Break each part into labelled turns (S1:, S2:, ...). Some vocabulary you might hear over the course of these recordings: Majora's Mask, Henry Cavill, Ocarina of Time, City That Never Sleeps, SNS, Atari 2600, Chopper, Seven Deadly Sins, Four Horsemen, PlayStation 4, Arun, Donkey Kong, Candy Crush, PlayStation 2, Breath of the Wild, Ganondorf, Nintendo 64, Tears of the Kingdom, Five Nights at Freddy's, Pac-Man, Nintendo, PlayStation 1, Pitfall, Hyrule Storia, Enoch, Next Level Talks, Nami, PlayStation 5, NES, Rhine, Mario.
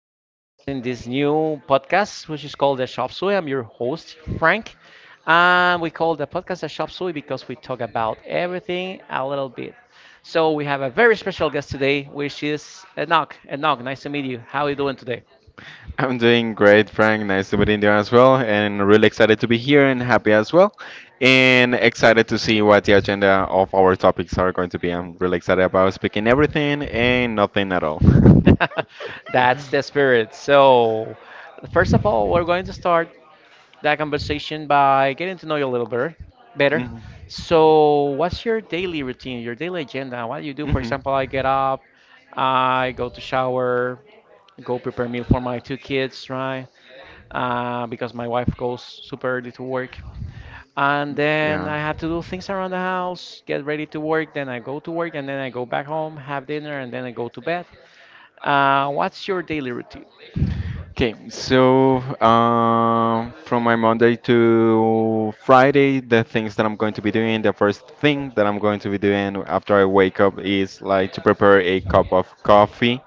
S1: you for joining us in this new podcast, which is called The Shop Suey. I'm your host, Frank. And we call the podcast The Shop Suey because we talk about everything a little bit. So we have a very special guest today, which is Enoch. Enoch, nice to meet you. How are you doing today?
S2: I'm doing great, Frank. Nice to meet you as well, and really excited to be here and happy as well, and excited to see what the agenda of our topics are going to be. I'm really excited about speaking everything and nothing at all.
S1: That's the spirit. So, first of all, we're going to start that conversation by getting to know you a little better.
S2: Mhm.
S1: So, what's your daily routine, your daily agenda? What do you do? For
S2: Mhm.
S1: example, I get up, I go to shower, go prepare meal for my two kids, right? Because my wife goes super early to work. And then I have to do things around the house, get ready to work, then I go to work, and then I go back home, have
S2: Yeah.
S1: dinner, and then I go to bed. What's your daily routine?
S2: Okay, so from my Monday to Friday, the things that I'm going to be doing, the first thing that I'm going to be doing after I wake up is like to prepare a cup of coffee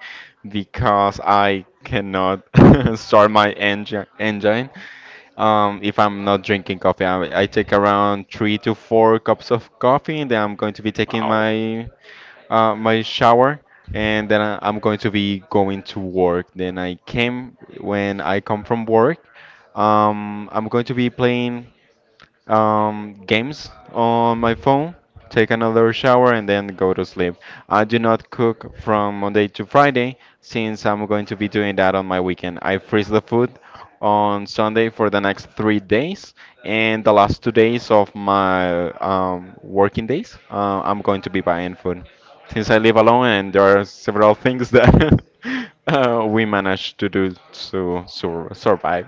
S2: because I cannot start my engine if I'm not drinking coffee. I take around three to four cups of coffee, and then I'm going to be taking my shower, and then I'm going to be going to work. Then I came when I come from work, I'm going to be playing games on my phone, take another shower, and then go to sleep. I do not cook from Monday to Friday since I'm going to be doing that on my weekend. I freeze the food on Sunday for the next 3 days, and the last 2 days of my working days, I'm going to be buying food. Since I live alone, and there are several things that we manage to do to survive.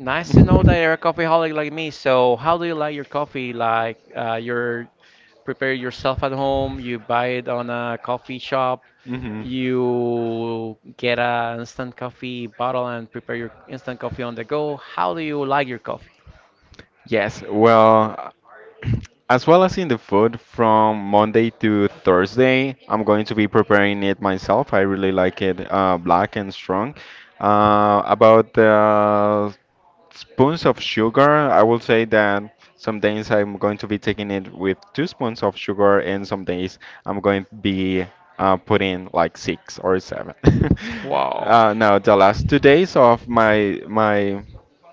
S1: Nice to know that you're a coffee holic like me. So, how do you like your coffee? Like, you prepare yourself at home, you buy it on a coffee shop,
S2: hmm
S1: you get an instant coffee bottle and prepare your instant coffee on the go. How do you like your coffee?
S2: Yes, well as in the food from Monday to Thursday, I'm going to be preparing it myself. I really like it black and strong. About the spoons of sugar, I will say that some days I'm going to be taking it with two spoons of sugar, and some days I'm going to be putting like six or seven.
S1: Wow.
S2: Now the last 2 days of my my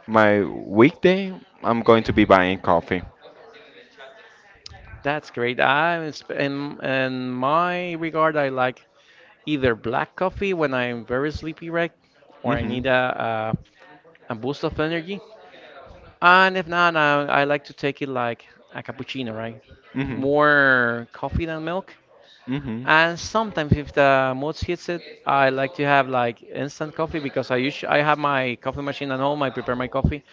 S2: my weekday, I'm going to be buying coffee.
S1: That's great. I'm sp- in my regard, I like either black coffee when I'm very sleepy, right, or I
S2: Hmm.
S1: need a a boost of energy. And if not, I like to take it like a cappuccino, right? More coffee than milk.
S2: Mm-hmm.
S1: And sometimes if the mood hits it, I like to have like instant coffee because I usually I have my coffee machine at home. I prepare my coffee.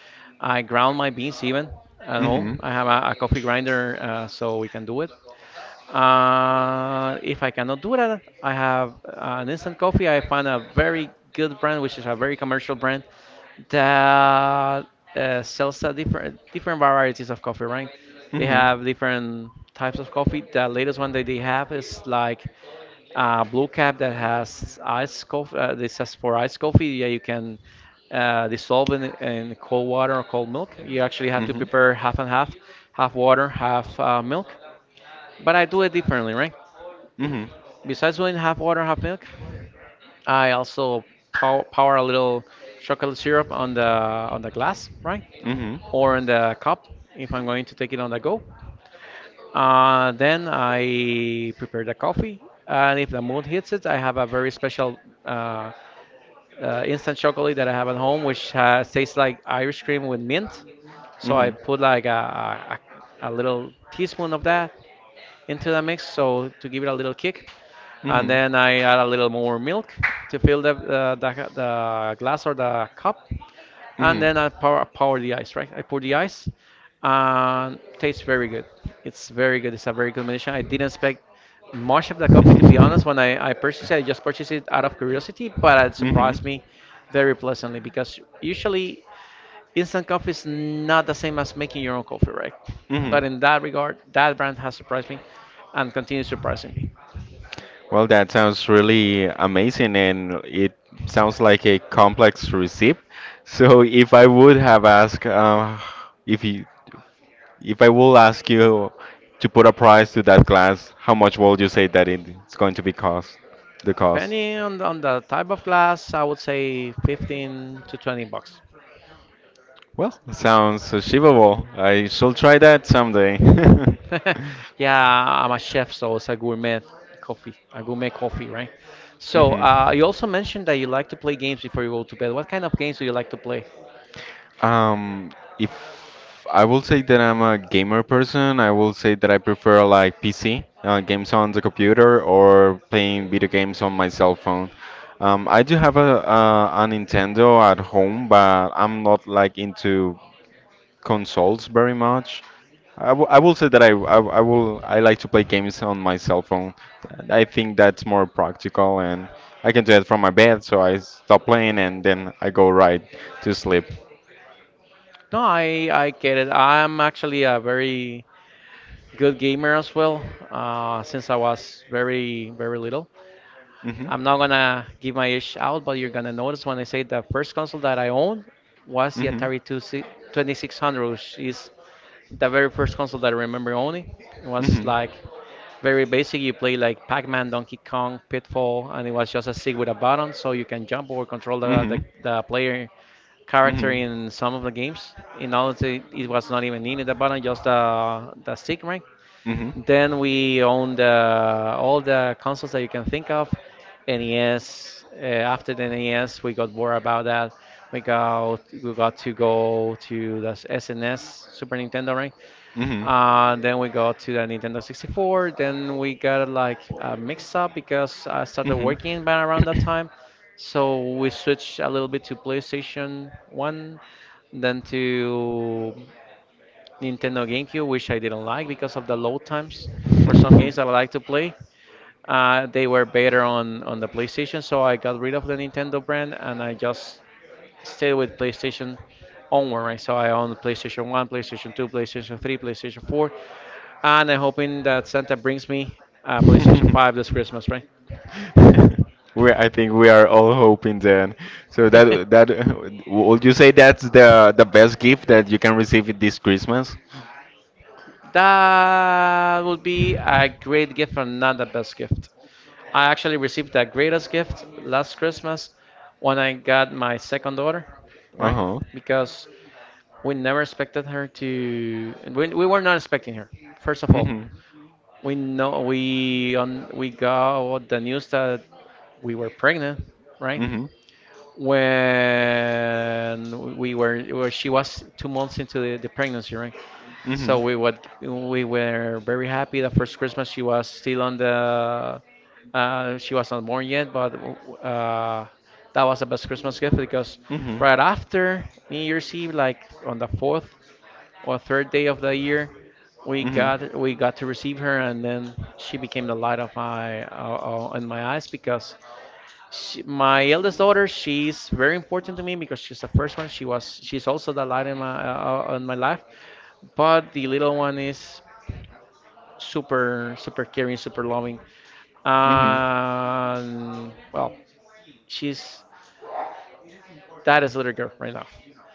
S1: I ground my beans even at home.
S2: Mm-hmm.
S1: I have a coffee grinder, so we can do it. If I cannot do that, I have an instant coffee. I find a very good brand, which is a very commercial brand that sells a different varieties of coffee, right? They have different types of coffee. The latest one that they have is like a blue cap that has ice coffee. This has for ice coffee. Yeah, you can dissolve in cold water or cold milk. You actually have to prepare half and half, half water, half milk. But I do it differently, right? Besides doing half water, half milk, I also power a little chocolate syrup on the glass, right? Or in the cup if I'm going to take it on the go. Then I prepare the coffee, and if the mood hits it, I have a very special, instant chocolate that I have at home, which tastes like Irish cream with mint. So I
S2: Hmm.
S1: put like a little teaspoon of that into the mix, so to give it a little kick. And then I add a little more milk to fill the glass or the cup. And then I pour the ice, right? I pour the ice and tastes very good. It's very good. It's a very good combination. I didn't expect much of the coffee, to be honest. When I purchased it, I just purchased it out of curiosity, but it
S2: Hmm.
S1: surprised me very pleasantly because usually instant coffee is not the same as making your own coffee, right?
S2: Hmm.
S1: But in that regard, that brand has surprised me and continues surprising me.
S2: Well, that sounds really amazing, and it sounds like a complex recipe. So, if I would have asked if you, If I will ask you to put a price to that glass, how much would you say that it's going to be cost? The cost.
S1: Depending on the type of glass, I would say 15 to 20 bucks.
S2: Well, it sounds achievable. I shall try that someday.
S1: Yeah, I'm a chef, so it's a gourmet coffee, right? So
S2: hmm
S1: you also mentioned that you like to play games before you go to bed. What kind of games do you like to play?
S2: Um, if I will say that I'm a gamer person, I will say that I prefer like PC games on the computer or playing video games on my cell phone. I do have a Nintendo at home, but I'm not like into consoles very much. I will say that I like to play games on my cell phone. I think that's more practical and I can do it from my bed, so I stop playing and then I go right to sleep.
S1: No, I get it. I'm actually a very good gamer as well, since I was very, very little.
S2: Mhm.
S1: I'm not gonna give my age out, but you're gonna notice when I say the first console that I owned was the
S2: Mhm.
S1: Atari 2600, which is the very first console that I remember owning. It was
S2: Mhm.
S1: like very basic. You play like Pac-Man, Donkey Kong, Pitfall, and it was just a stick with a button, so you can jump or control
S2: Mhm.
S1: the player character in some of the games. In all, it was not even needed the button, just the stick, right?
S2: Mhm.
S1: Then we owned all the consoles that you can think of.
S2: Mhm.
S1: NES. After the NES, we got more about that. We got to go to the SNS, Super Nintendo, right?
S2: Mm-hmm.
S1: Then we got to the Nintendo 64. Then we got like a mix up because I started working by around that time. So we switched a little bit to PlayStation 1, then to Nintendo GameCube, which I didn't like because of the load times for some games that I like to play. They were better on the PlayStation, so I got rid of the Nintendo brand and I just stayed with PlayStation onward, right? So I own PlayStation 1, PlayStation 2, PlayStation 3, PlayStation 4, and I'm hoping that Santa brings me, PlayStation 5 this Christmas, right?
S2: Mm-hmm. I think we are all hoping then. So that that would you say that's the best gift that you can receive it this Christmas?
S1: That would be a great gift and not the best gift. I actually received the greatest gift last Christmas when I got my second daughter, right?
S2: Uh-huh.
S1: Because we never expected her to. We were not expecting her. First of all,
S2: Mm-hmm.
S1: we got the news that we were pregnant, right?
S2: Mm-hmm.
S1: When we were, well, she was 2 months into the pregnancy, right?
S2: Mm-hmm.
S1: So we were very happy. The first Christmas she was still on the, she was not born yet, but uh, that was the best Christmas gift because
S2: Mm-hmm.
S1: right after New Year's Eve, like on the fourth or third day of the year,
S2: Mm-hmm.
S1: we got to receive her, and then she became the light of my, in my eyes because she, my eldest daughter, she's very important to me because she's the first one. She's also the light in my, in my life. But the little one is super, super caring, super loving.
S2: Mm-hmm.
S1: And well, she's that is little girl right now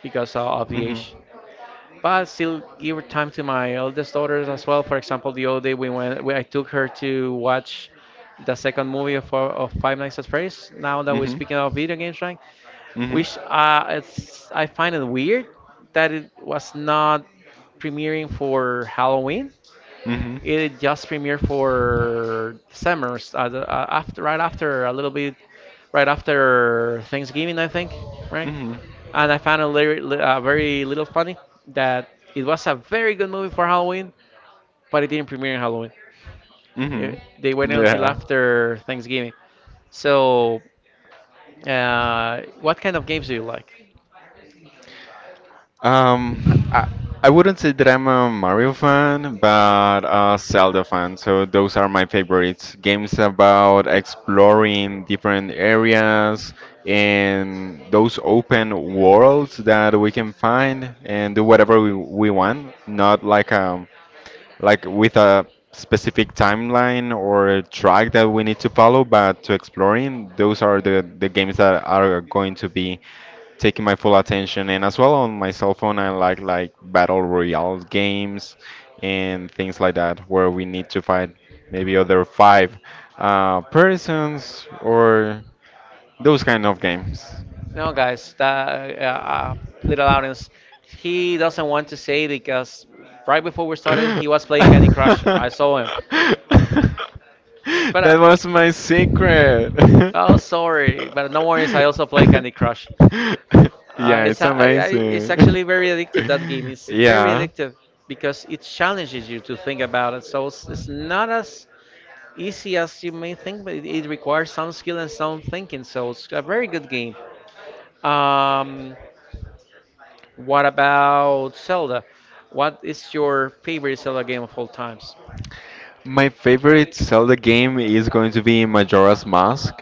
S1: because of the
S2: Mm-hmm.
S1: age. But still, give her time to my eldest daughters as well. For example, the other day I took her to watch the second movie of Five Nights at Freddy's. Now that we're
S2: Mm-hmm.
S1: speaking of video games, right? Which I find it weird that it was
S2: Hmm.
S1: not premiering for Halloween.
S2: Mhm.
S1: It just premiered for December, after, right after a little bit, right after Thanksgiving, I think, right?
S2: Mhm.
S1: And I found it very, very little funny that it was a very good movie for Halloween, but it didn't premiere in Halloween.
S2: Mhm.
S1: It, they waited until
S2: Yeah.
S1: after Thanksgiving. So, what kind of games do you like?
S2: Um, I, I wouldn't say that I'm a Mario fan, but a Zelda fan. So those are my favorites. Games about exploring different areas and those open worlds that we can find and do whatever we want, not like like with a specific timeline or a track that we need to follow, but to exploring, those are the games that are going to be taking my full attention, and as well on my cell phone I like battle royale games and things like that where we need to fight maybe other five persons or those kind of games.
S1: No, guys, that little audience, he doesn't want to say because right before we started, he was playing Candy
S2: That
S1: Crush. I saw him, but
S2: was my secret.
S1: oh, sorry, but no worries. I also play Candy Crush.
S2: Yeah,
S1: It's
S2: it's
S1: a- I- It's
S2: amazing.
S1: actually very addictive. That game is very
S2: Yeah.
S1: addictive because it challenges you to think about it. So it's not as easy as you may think, but it requires some skill and some thinking. So it's a very good game. Um, What about Zelda? What is your favorite Zelda game of all times?
S2: My favorite Zelda game is going to be Majora's Mask,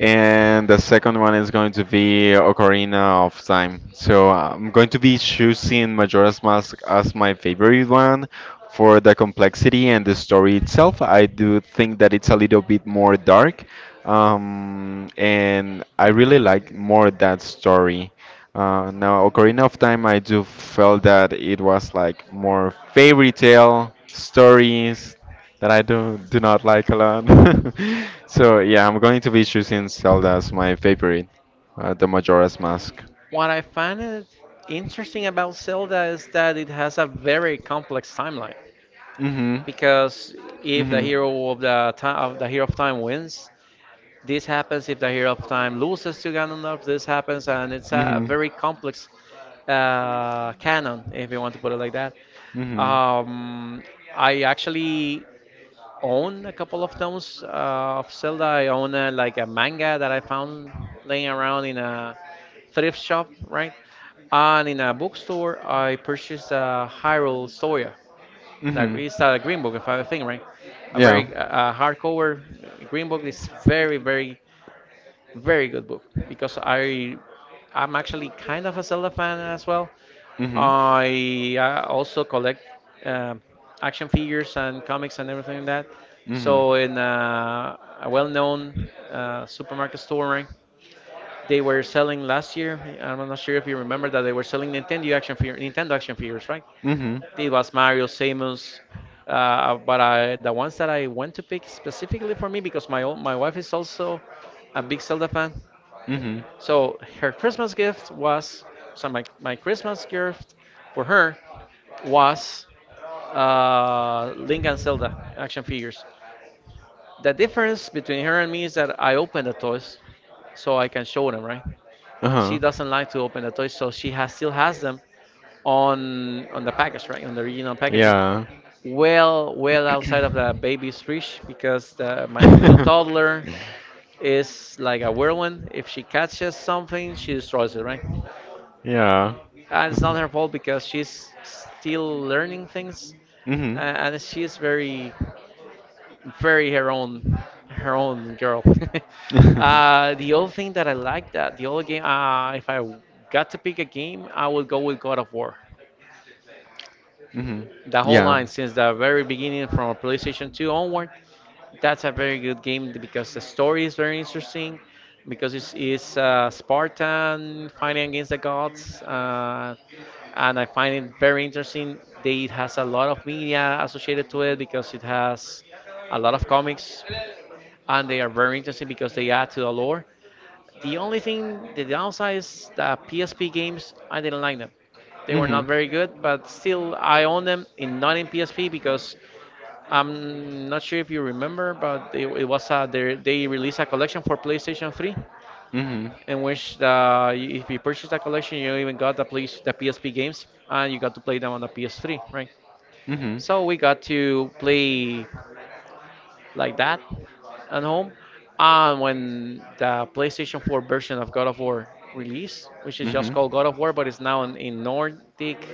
S2: and the second one is going to be Ocarina of Time. So I'm going to be choosing Majora's Mask as my favorite one for the complexity and the story itself. I do think that it's a little bit more dark, and I really like more that story. Now, Ocarina of Time, I do felt that it was like more fairy tale stories that I don't do not like a lot. So yeah, I'm going to be choosing Zelda as my favorite, the Majora's Mask.
S1: What I find it interesting about Zelda is that it has a very complex timeline.
S2: Mhm.
S1: Because if
S2: Mhm.
S1: the hero of time wins, this happens. If the hero of time loses to Ganondorf, this happens, and it's a
S2: Mhm.
S1: very complex, canon, if you want to put it like that.
S2: Mhm.
S1: Um, I actually own a couple of tomes of Zelda. I own like a manga that I found laying around in a thrift shop, right? And in a bookstore, I purchased a Hyrule Storia. That
S2: Mhm.
S1: is a green book, if I think right. A
S2: Yeah.
S1: very, hardcover green book. It's very, very good book because I'm actually kind of a Zelda fan as well.
S2: Mhm.
S1: I also collect um action figures and comics and everything like that. So in a well-known, supermarket store, right, they were selling last year. I'm not sure if you remember that they were selling Nintendo action figures, right?
S2: Mhm.
S1: It was Mario, Samus, the ones that I went to pick specifically for me because my wife is
S2: Mhm.
S1: also a big Zelda fan.
S2: Hmm.
S1: So her Christmas gift was So my Christmas gift for her was, Link and Zelda action figures. The difference between her and me is that I open the toys so I can show them, right?
S2: Uh-huh.
S1: She doesn't like to open the toys, so she has still has them on the package, right? On the original packaging,
S2: Yeah.
S1: well outside of the baby's reach because my little toddler is like a whirlwind. If she catches something, she destroys it, right?
S2: Yeah.
S1: And it's not her fault because she's still learning things. uh,
S2: Hmm.
S1: and she's very, very her own girl. The other thing that I like, that the other game, if I got to pick a game, I would go with God of War.
S2: Hmm.
S1: The whole
S2: Yeah.
S1: line since the very beginning, from PlayStation 2 onward. That's a very good game because the story is very interesting, because it's Spartan fighting against the gods, and I find it very interesting. It has a lot of media associated to it because it has a lot of comics, and they are very interesting because they add to the lore. The only thing, the downside, is that PSP games, I didn't like them. They were
S2: Hmm.
S1: not very good, but still I own them, in not in PSP, because I'm not sure if you remember, but it was a they released a collection for PlayStation 3,
S2: Hmm.
S1: in which if you purchased that collection, you even got the play, the PSP games, and you got to play them on the PS3, right?
S2: Hmm.
S1: So we got to play like that at home. And when the PlayStation 4 version of God of War released, which is just
S2: Hmm.
S1: called God of War, but it's now in Nordic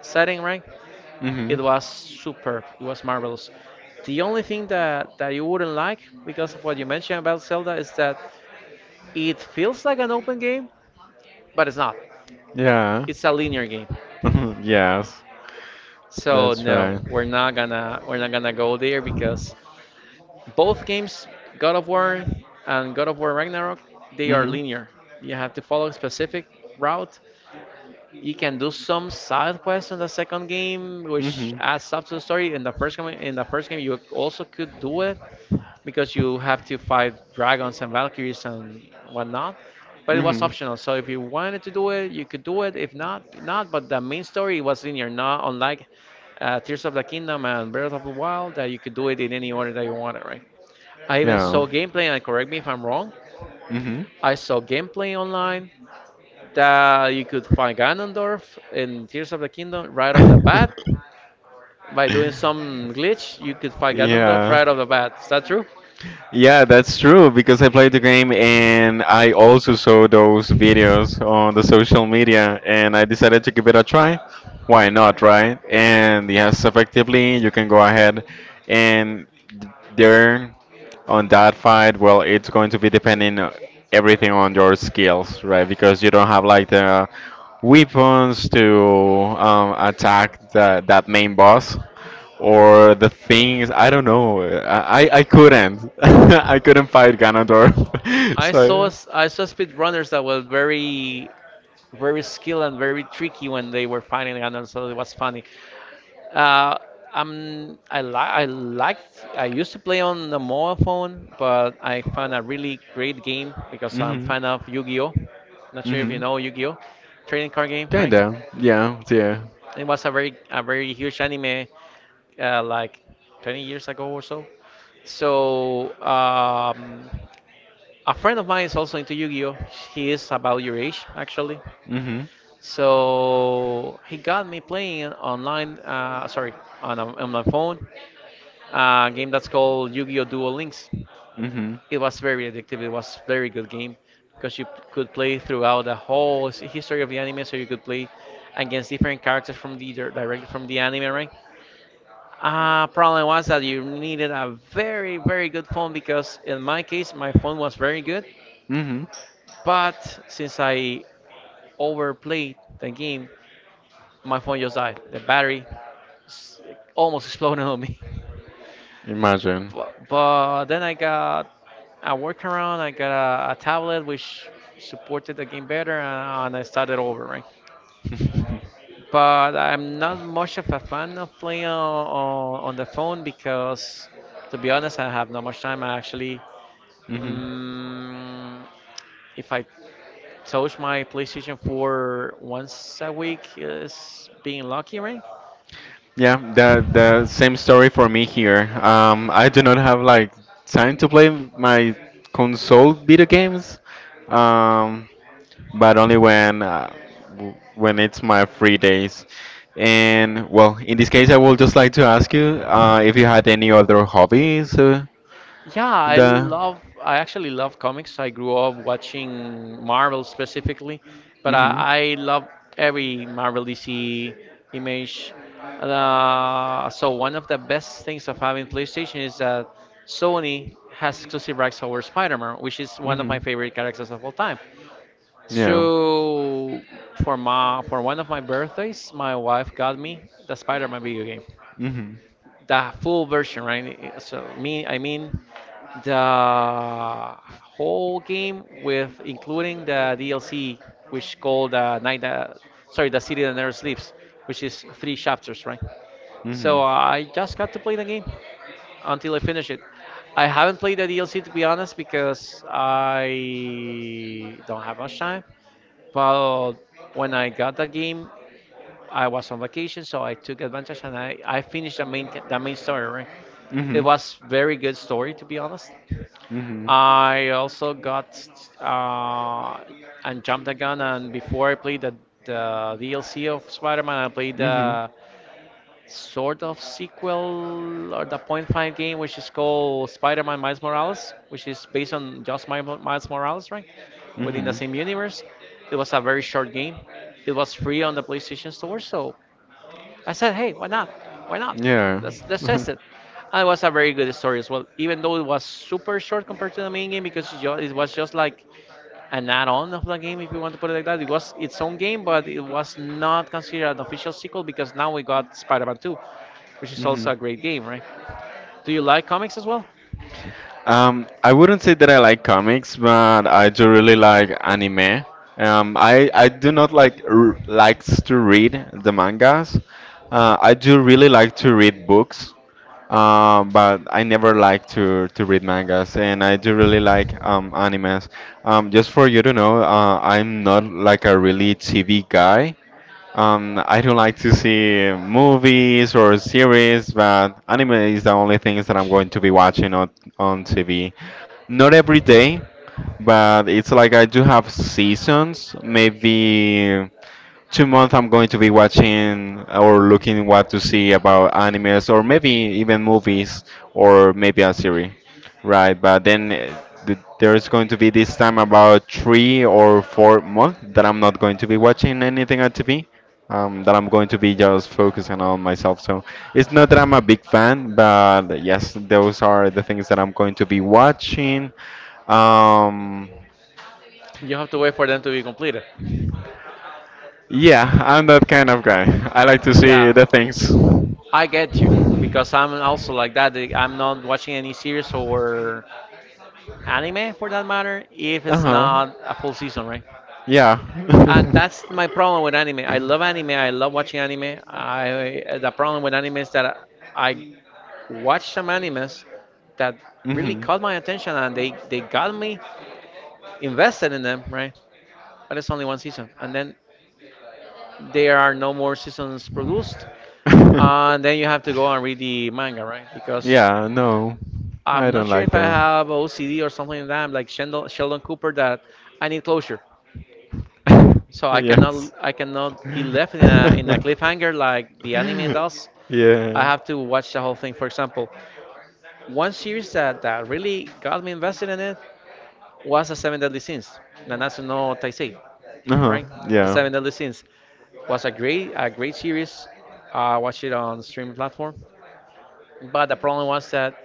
S1: setting, right?
S2: Hmm.
S1: It was superb. It was marvelous. The only thing that, you wouldn't like because of what you mentioned about Zelda, is that it feels like an open game, but it's not.
S2: Yeah.
S1: It's a linear game.
S2: Yes.
S1: So
S2: That's
S1: no,
S2: right.
S1: we're not gonna go there because both games, God of War and God of War Ragnarok, they are
S2: Mhm.
S1: linear. You have to follow a specific route. You can do some side quests in the second game, which
S2: Mhm.
S1: adds up to the story. In the first game, you also could do it, because you have to fight dragons and valkyries and whatnot. But it was
S2: Mhm.
S1: optional, so if you wanted to do it, you could do it. If not, not. But the main story was linear, not unlike Tears of the Kingdom and Breath of the Wild, that you could do it in any order that you wanted, right? I even
S2: Yeah.
S1: saw gameplay, and correct me if I'm wrong.
S2: Mhm.
S1: I saw gameplay online that you could find Ganondorf in Tears of the Kingdom right off the bat. By doing some glitch, you could find Ganondorf
S2: Yeah.
S1: right off the bat. Is that true?
S2: Yeah, that's true because I played the game and I also saw those videos on the social media and I decided to give it a try. Why not, right? And yes, effectively, you can go ahead and there on that fight, well, it's going to be depending everything on your skills, right? Because you don't have like the weapons to attack that main boss or the things I don't know. I couldn't. I couldn't fight Ganondorf. So.
S1: I saw speedrunners that were very very skilled and very tricky when they were fighting, and also it was funny. Uh, I liked I used to play on the mobile phone, but I found a really great game because I'm
S2: Mhm.
S1: fan of Yu-Gi-Oh. Not sure if you
S2: Mhm.
S1: know Yu-Gi-Oh, trading card game, right?
S2: Kinda, yeah, yeah.
S1: It was a very huge anime, like 20 years ago or so. So a friend of mine is also into Yu-Gi-Oh. He is about your age, actually.
S2: Mhm.
S1: So he got me playing online, on my phone, a game that's called Yu-Gi-Oh! Duel Links.
S2: Mhm.
S1: It was very addictive. It was very good game because you could play throughout the history of the anime. So you could play against different characters from the directly from the anime, right? Problem was that you needed a very very good phone, because in my case my phone was very good,
S2: Hmm.
S1: but since I overplayed the game, my phone just died. The battery s- almost exploded on me.
S2: Imagine.
S1: But then I got a workaround. I got a tablet which supported the game better, and I started over, right? But I'm not much of a fan of playing on the phone because, to be honest, I have not much time. I actually,
S2: Hmm.
S1: um, if I touch my PlayStation 4 once a week, is being lucky, right?
S2: Yeah, the same story for me here. I do not have like time to play my console video games, um, but only when when it's my free days. And well, in this case, I would just like to ask you if you had any other hobbies.
S1: Yeah,
S2: The
S1: I actually love comics. I grew up watching Marvel specifically, but
S2: Hmm.
S1: I love every Marvel DC image. So one of the best things of having PlayStation is that Sony has exclusive rights over Spider-Man, which is one of
S2: Hmm.
S1: my favorite characters of all time.
S2: Yeah.
S1: So for one of my birthdays, my wife got me the Spider-Man video game,
S2: Hmm. Hmm.
S1: the full version, right? So I mean the whole game with including the DLC, which called the City That Never Sleeps, which is three chapters, right? So I just got to play the game until I finish it. I haven't played the DLC to be honest because I don't have much time. But when I got the game I was on vacation, so I took advantage and I finished the main story, right? It was very good story to be honest.
S2: Hmm. Hmm.
S1: I also got uh, and jumped the gun, and before I played the DLC of Spider-Man, I played
S2: Mm-hmm.
S1: the sort of sequel, or the point five game, which is called Spider-Man Miles Morales, which is based on just Miles Morales, right? Within the
S2: Mm-hmm.
S1: same universe. It was a very short game. It was free on the PlayStation Store, so I said, hey, why not? Why not?
S2: Yeah.
S1: Let's test it. And it was a very good story as well, even though it was super short compared to the main game, because it was just like an add-on of the game, if you want to put it like that. It was its own game, but it was not considered an official sequel because now we got Spider-Man 2, which is
S2: Mm-hmm.
S1: also a great game, right? Do you like comics as well?
S2: I wouldn't say that I like comics, but I do really like anime. I do not like r likes to read the mangas. I do really like to read books, but I never like to read mangas, and I do really like animes. Just for you to know, I'm not like a really TV guy. I do like to see movies or series, but anime is the only things that I'm going to be watching on TV. Not every day, but it's like I do have seasons. Maybe 2 months I'm going to be watching or looking what to see about animes or maybe even movies or maybe a series, right? But then there's going to be this time about 3 or 4 months that I'm not going to be watching anything on TV. That I'm going to be just focusing on myself. So it's not that I'm a big fan, but yes, those are the things that I'm going to be watching. Um,
S1: You have to wait for them to be completed.
S2: yeah, I'm that kind of guy. I like to see
S1: Yeah,
S2: the things.
S1: I get you because I'm also like that. I'm not watching any series or anime for that matter if
S2: Uh
S1: it's
S2: huh.
S1: not a full season, right?
S2: Yeah.
S1: And that's my problem with anime. I love anime. I love watching anime. I The problem with anime is that I watched some animes that really
S2: Hmm.
S1: caught my attention and they got me invested in them, right? But it's only one season, and then there are no more seasons produced, and then you have to go and read the manga, right? Because
S2: Yeah, no.
S1: I'm
S2: I
S1: not
S2: don't
S1: sure
S2: like
S1: if I
S2: that.
S1: have OCD or something like that. I'm like Sheldon, Sheldon Cooper, that I need closure. So
S2: Yes.
S1: I cannot be left in a cliffhanger like the anime does. I
S2: Yeah.
S1: have to watch the whole thing. For example, one series that really got me invested in it was the Seven Deadly Sins, Nanatsu no Taisei,
S2: Uh-huh.
S1: right? The
S2: Yeah.
S1: Seven Deadly Sins was a great series. I watched it on streaming platform, but the problem was that,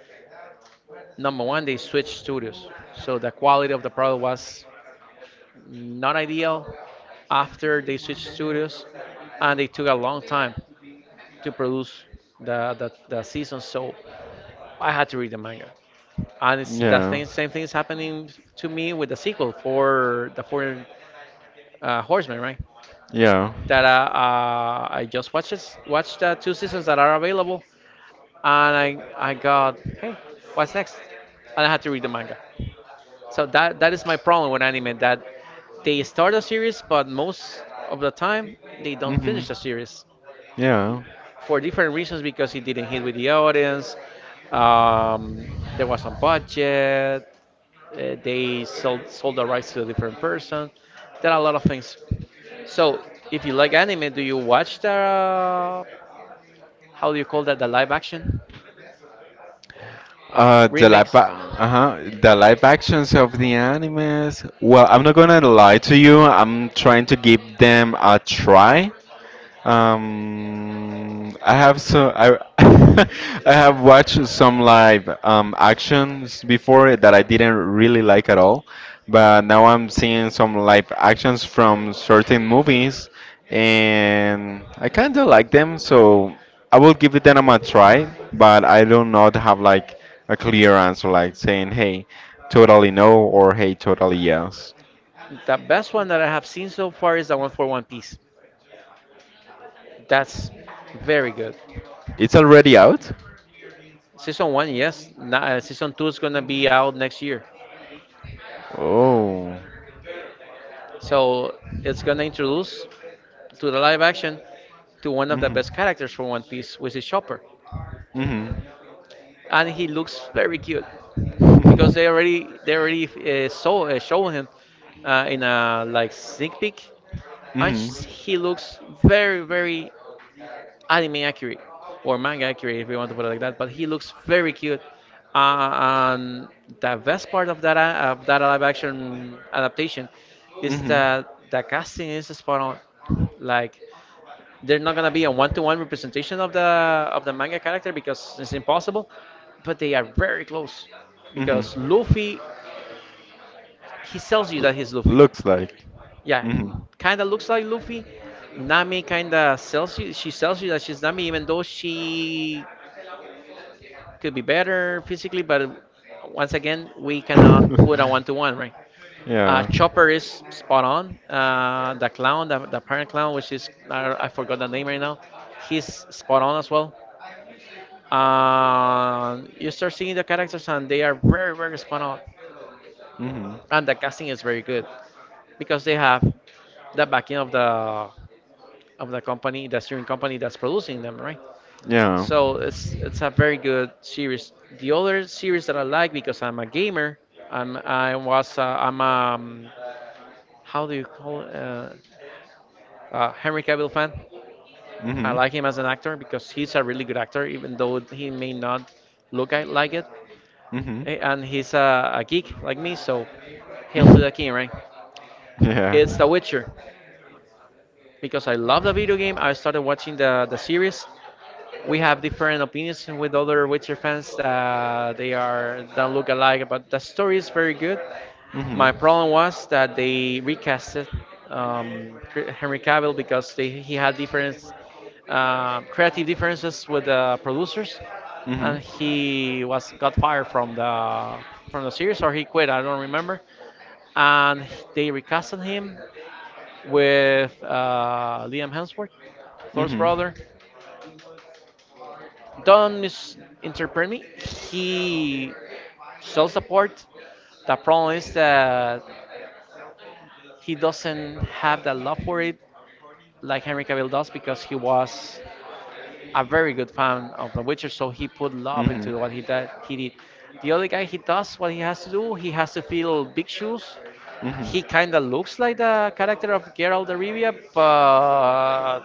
S1: number 1, they switched studios, so the quality of the product was not ideal. After they switched studios, and they took a long time to produce the season, so I had to read the manga. And it's the
S2: Yeah.
S1: thing, same thing is happening to me with the sequel for the Four Horsemen, right?
S2: Yeah.
S1: That I just watched the two seasons that are available, and I got, hey, what's next? And I had to read the manga. So that is my problem with anime, that they start a series, but most of the time they don't
S2: Mhm.
S1: finish the series,
S2: Yeah.
S1: for different reasons, because it didn't hit with the audience. Um, there was some budget. They sold the rights to a different person. There are a lot of things. So if you like anime, do you watch the how do you call that, the live action remakes?
S2: Uh-huh, the live actions of the animes. Well, I'm not gonna lie to you. I'm trying to give them a try. I have so I I have watched some live actions before that I didn't really like at all, but now I'm seeing some live actions from certain movies, and I kind of like them. So I will give it them a try, but I do not have like a clear answer like saying hey, totally no or hey, totally yes.
S1: The best one that I have seen so far is the one for One Piece. That's very good.
S2: It's already out.
S1: Season one, yes. Season two is gonna be out next year.
S2: Oh.
S1: So it's gonna introduce to the live action to one of the
S2: Hmm.
S1: best characters for One Piece, which is Chopper,
S2: Hmm.
S1: and he looks very cute because
S2: Hmm.
S1: they already saw show him in a like sneak peek, and he looks very very anime accurate or manga accurate if you want to put it like that. But he looks very cute, and the best part of that live action adaptation is
S2: Hmm.
S1: that the casting is spot on. Like, they're not gonna be a one-to-one representation of the manga character because it's impossible, but they are very close
S2: Hmm.
S1: because Luffy, he sells you that he's Luffy.
S2: Looks like.
S1: Yeah,
S2: Hmm.
S1: kind of looks like Luffy. Nami kind of sells you. She sells you that she's Nami, even though she could be better physically. But once again, we cannot put a one-to-one, right?
S2: Yeah.
S1: Chopper is spot on. The parent clown, which is
S2: Hmm.
S1: I forgot the name right now, he's spot on as well. You start seeing the characters, and they are very, very spot on, and the casting is very good because they have the backing of the company, the streaming company that's producing them, right?
S2: Yeah.
S1: So it's a very good series. The other series that I like, because I'm a gamer, I'm I was I'm how do you call it? Henry Cavill fan. I
S2: Hmm.
S1: like him as an actor because he's a really good actor, even though he may not like it.
S2: Hmm.
S1: And he's a geek like me, so hail to the king, right?
S2: Yeah.
S1: It's The
S2: Hmm.
S1: Witcher. Because I love the video game, I started watching the series. We have different opinions with other Witcher fans. They are don't look alike, but the story is very good. My problem was that they recasted Henry Cavill because he had different creative differences with the producers, and he was got fired from the series, or he quit. I don't remember. And they recasted him with Liam Hemsworth, Thor's
S2: Hmm.
S1: brother. Don't misinterpret me. He sells the part. The problem is that he doesn't have the love for it like Henry Cavill does, because he was a very good fan of The Witcher, so he put love
S2: Hmm.
S1: into what he did. He did. The other guy, he does what he has to do. He has to fill big shoes.
S2: Hmm. Hmm.
S1: He kind of looks like the character of Geralt of Rivia, but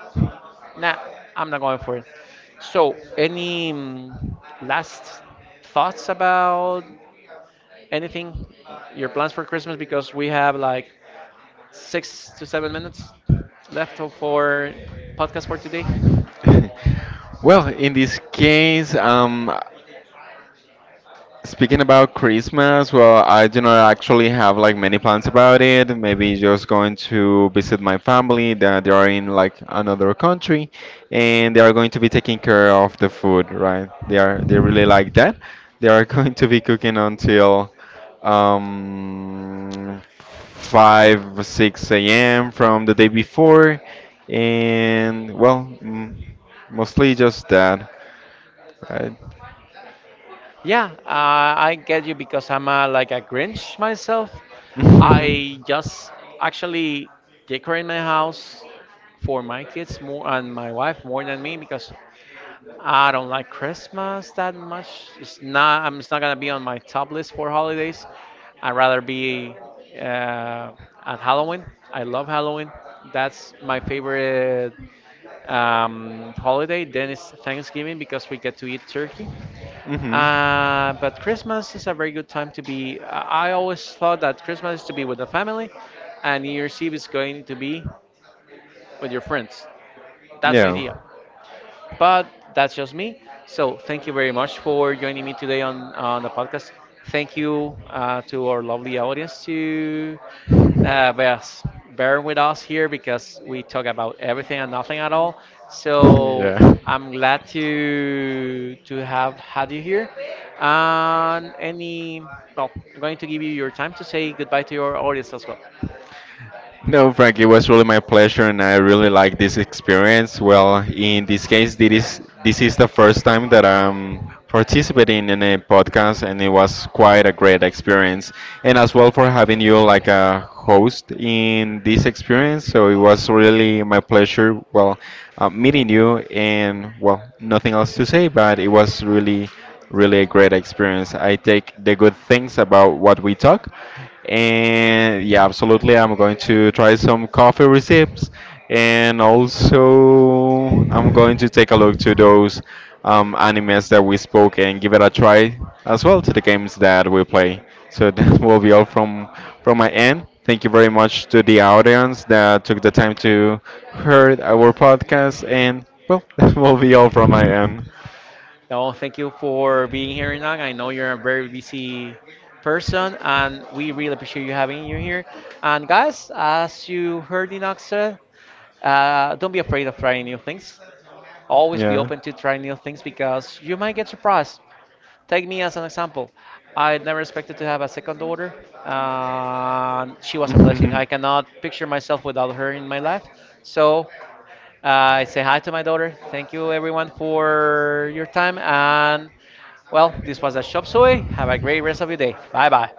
S1: nah, I'm not going for it. So, any last thoughts about anything? Your plans for Christmas? Because we have like 6 to 7 minutes left for podcast for today.
S2: Well, in this case, Speaking about Christmas, well, I do not actually have like many plans about it. Maybe just going to visit my family that they are in like another country and they are going to be taking care of the food, right? They really like that. They are going to be cooking until um 5, 6 a.m. from the day before, and well, mostly just that, right?
S1: Yeah, I get you because I'm like a Grinch myself. I just actually decorate my house for my kids more and my wife more than me because I don't like Christmas that much. It's not. I'm. It's not gonna be on my top list for holidays. I'd rather be uh, at Halloween. I love Halloween. That's my favorite holiday. Then it's Thanksgiving because we get to eat turkey.
S2: Mhm.
S1: But Christmas is a very good time to be. I always thought that Christmas is to be with the family, and New Year's Eve is going to be with your friends. That's my idea.
S2: Yeah.
S1: But that's just me. So thank you very much for joining me today on the podcast. Thank you, to our lovely audience, to yes, bear with us here, because we talk about everything and nothing at all. So
S2: Yeah.
S1: I'm glad to have had you here. And any, well, I'm going to give you your time to say goodbye to your audience as well.
S2: No, Frank, it was really my pleasure, and I really like this experience. Well, in this case, this is the first time that I'm participating in a podcast, and it was quite a great experience. And as well for having you like a host in this experience, so it was really my pleasure. Well, meeting you, and well, nothing else to say, but it was really, really a great experience. I take the good things about what we talk, and yeah, absolutely. I'm going to try some coffee recipes, and also I'm going to take a look to those animes that we spoke and give it a try as well to the games that we play. So that will be all from my end. Thank you very much to the audience that took the time to heard our podcast, and well, that will be all from my end.
S1: No, thank you for being here, Inang. I know you're a very busy person, and we really appreciate you having you here. And guys, as you heard Inang said, don't be afraid of trying new things. Always be
S2: Yeah.
S1: open to try new things because you might get surprised. Take me as an example. I never expected to have a second daughter, and she was
S2: 嗯
S1: a
S2: 哼
S1: blessing.
S2: 哼
S1: I cannot picture myself without her in my life. So I say hi to my daughter. Thank you, everyone, for your time. And well, this was a Shop Suey. Have a great rest of your day. Bye bye.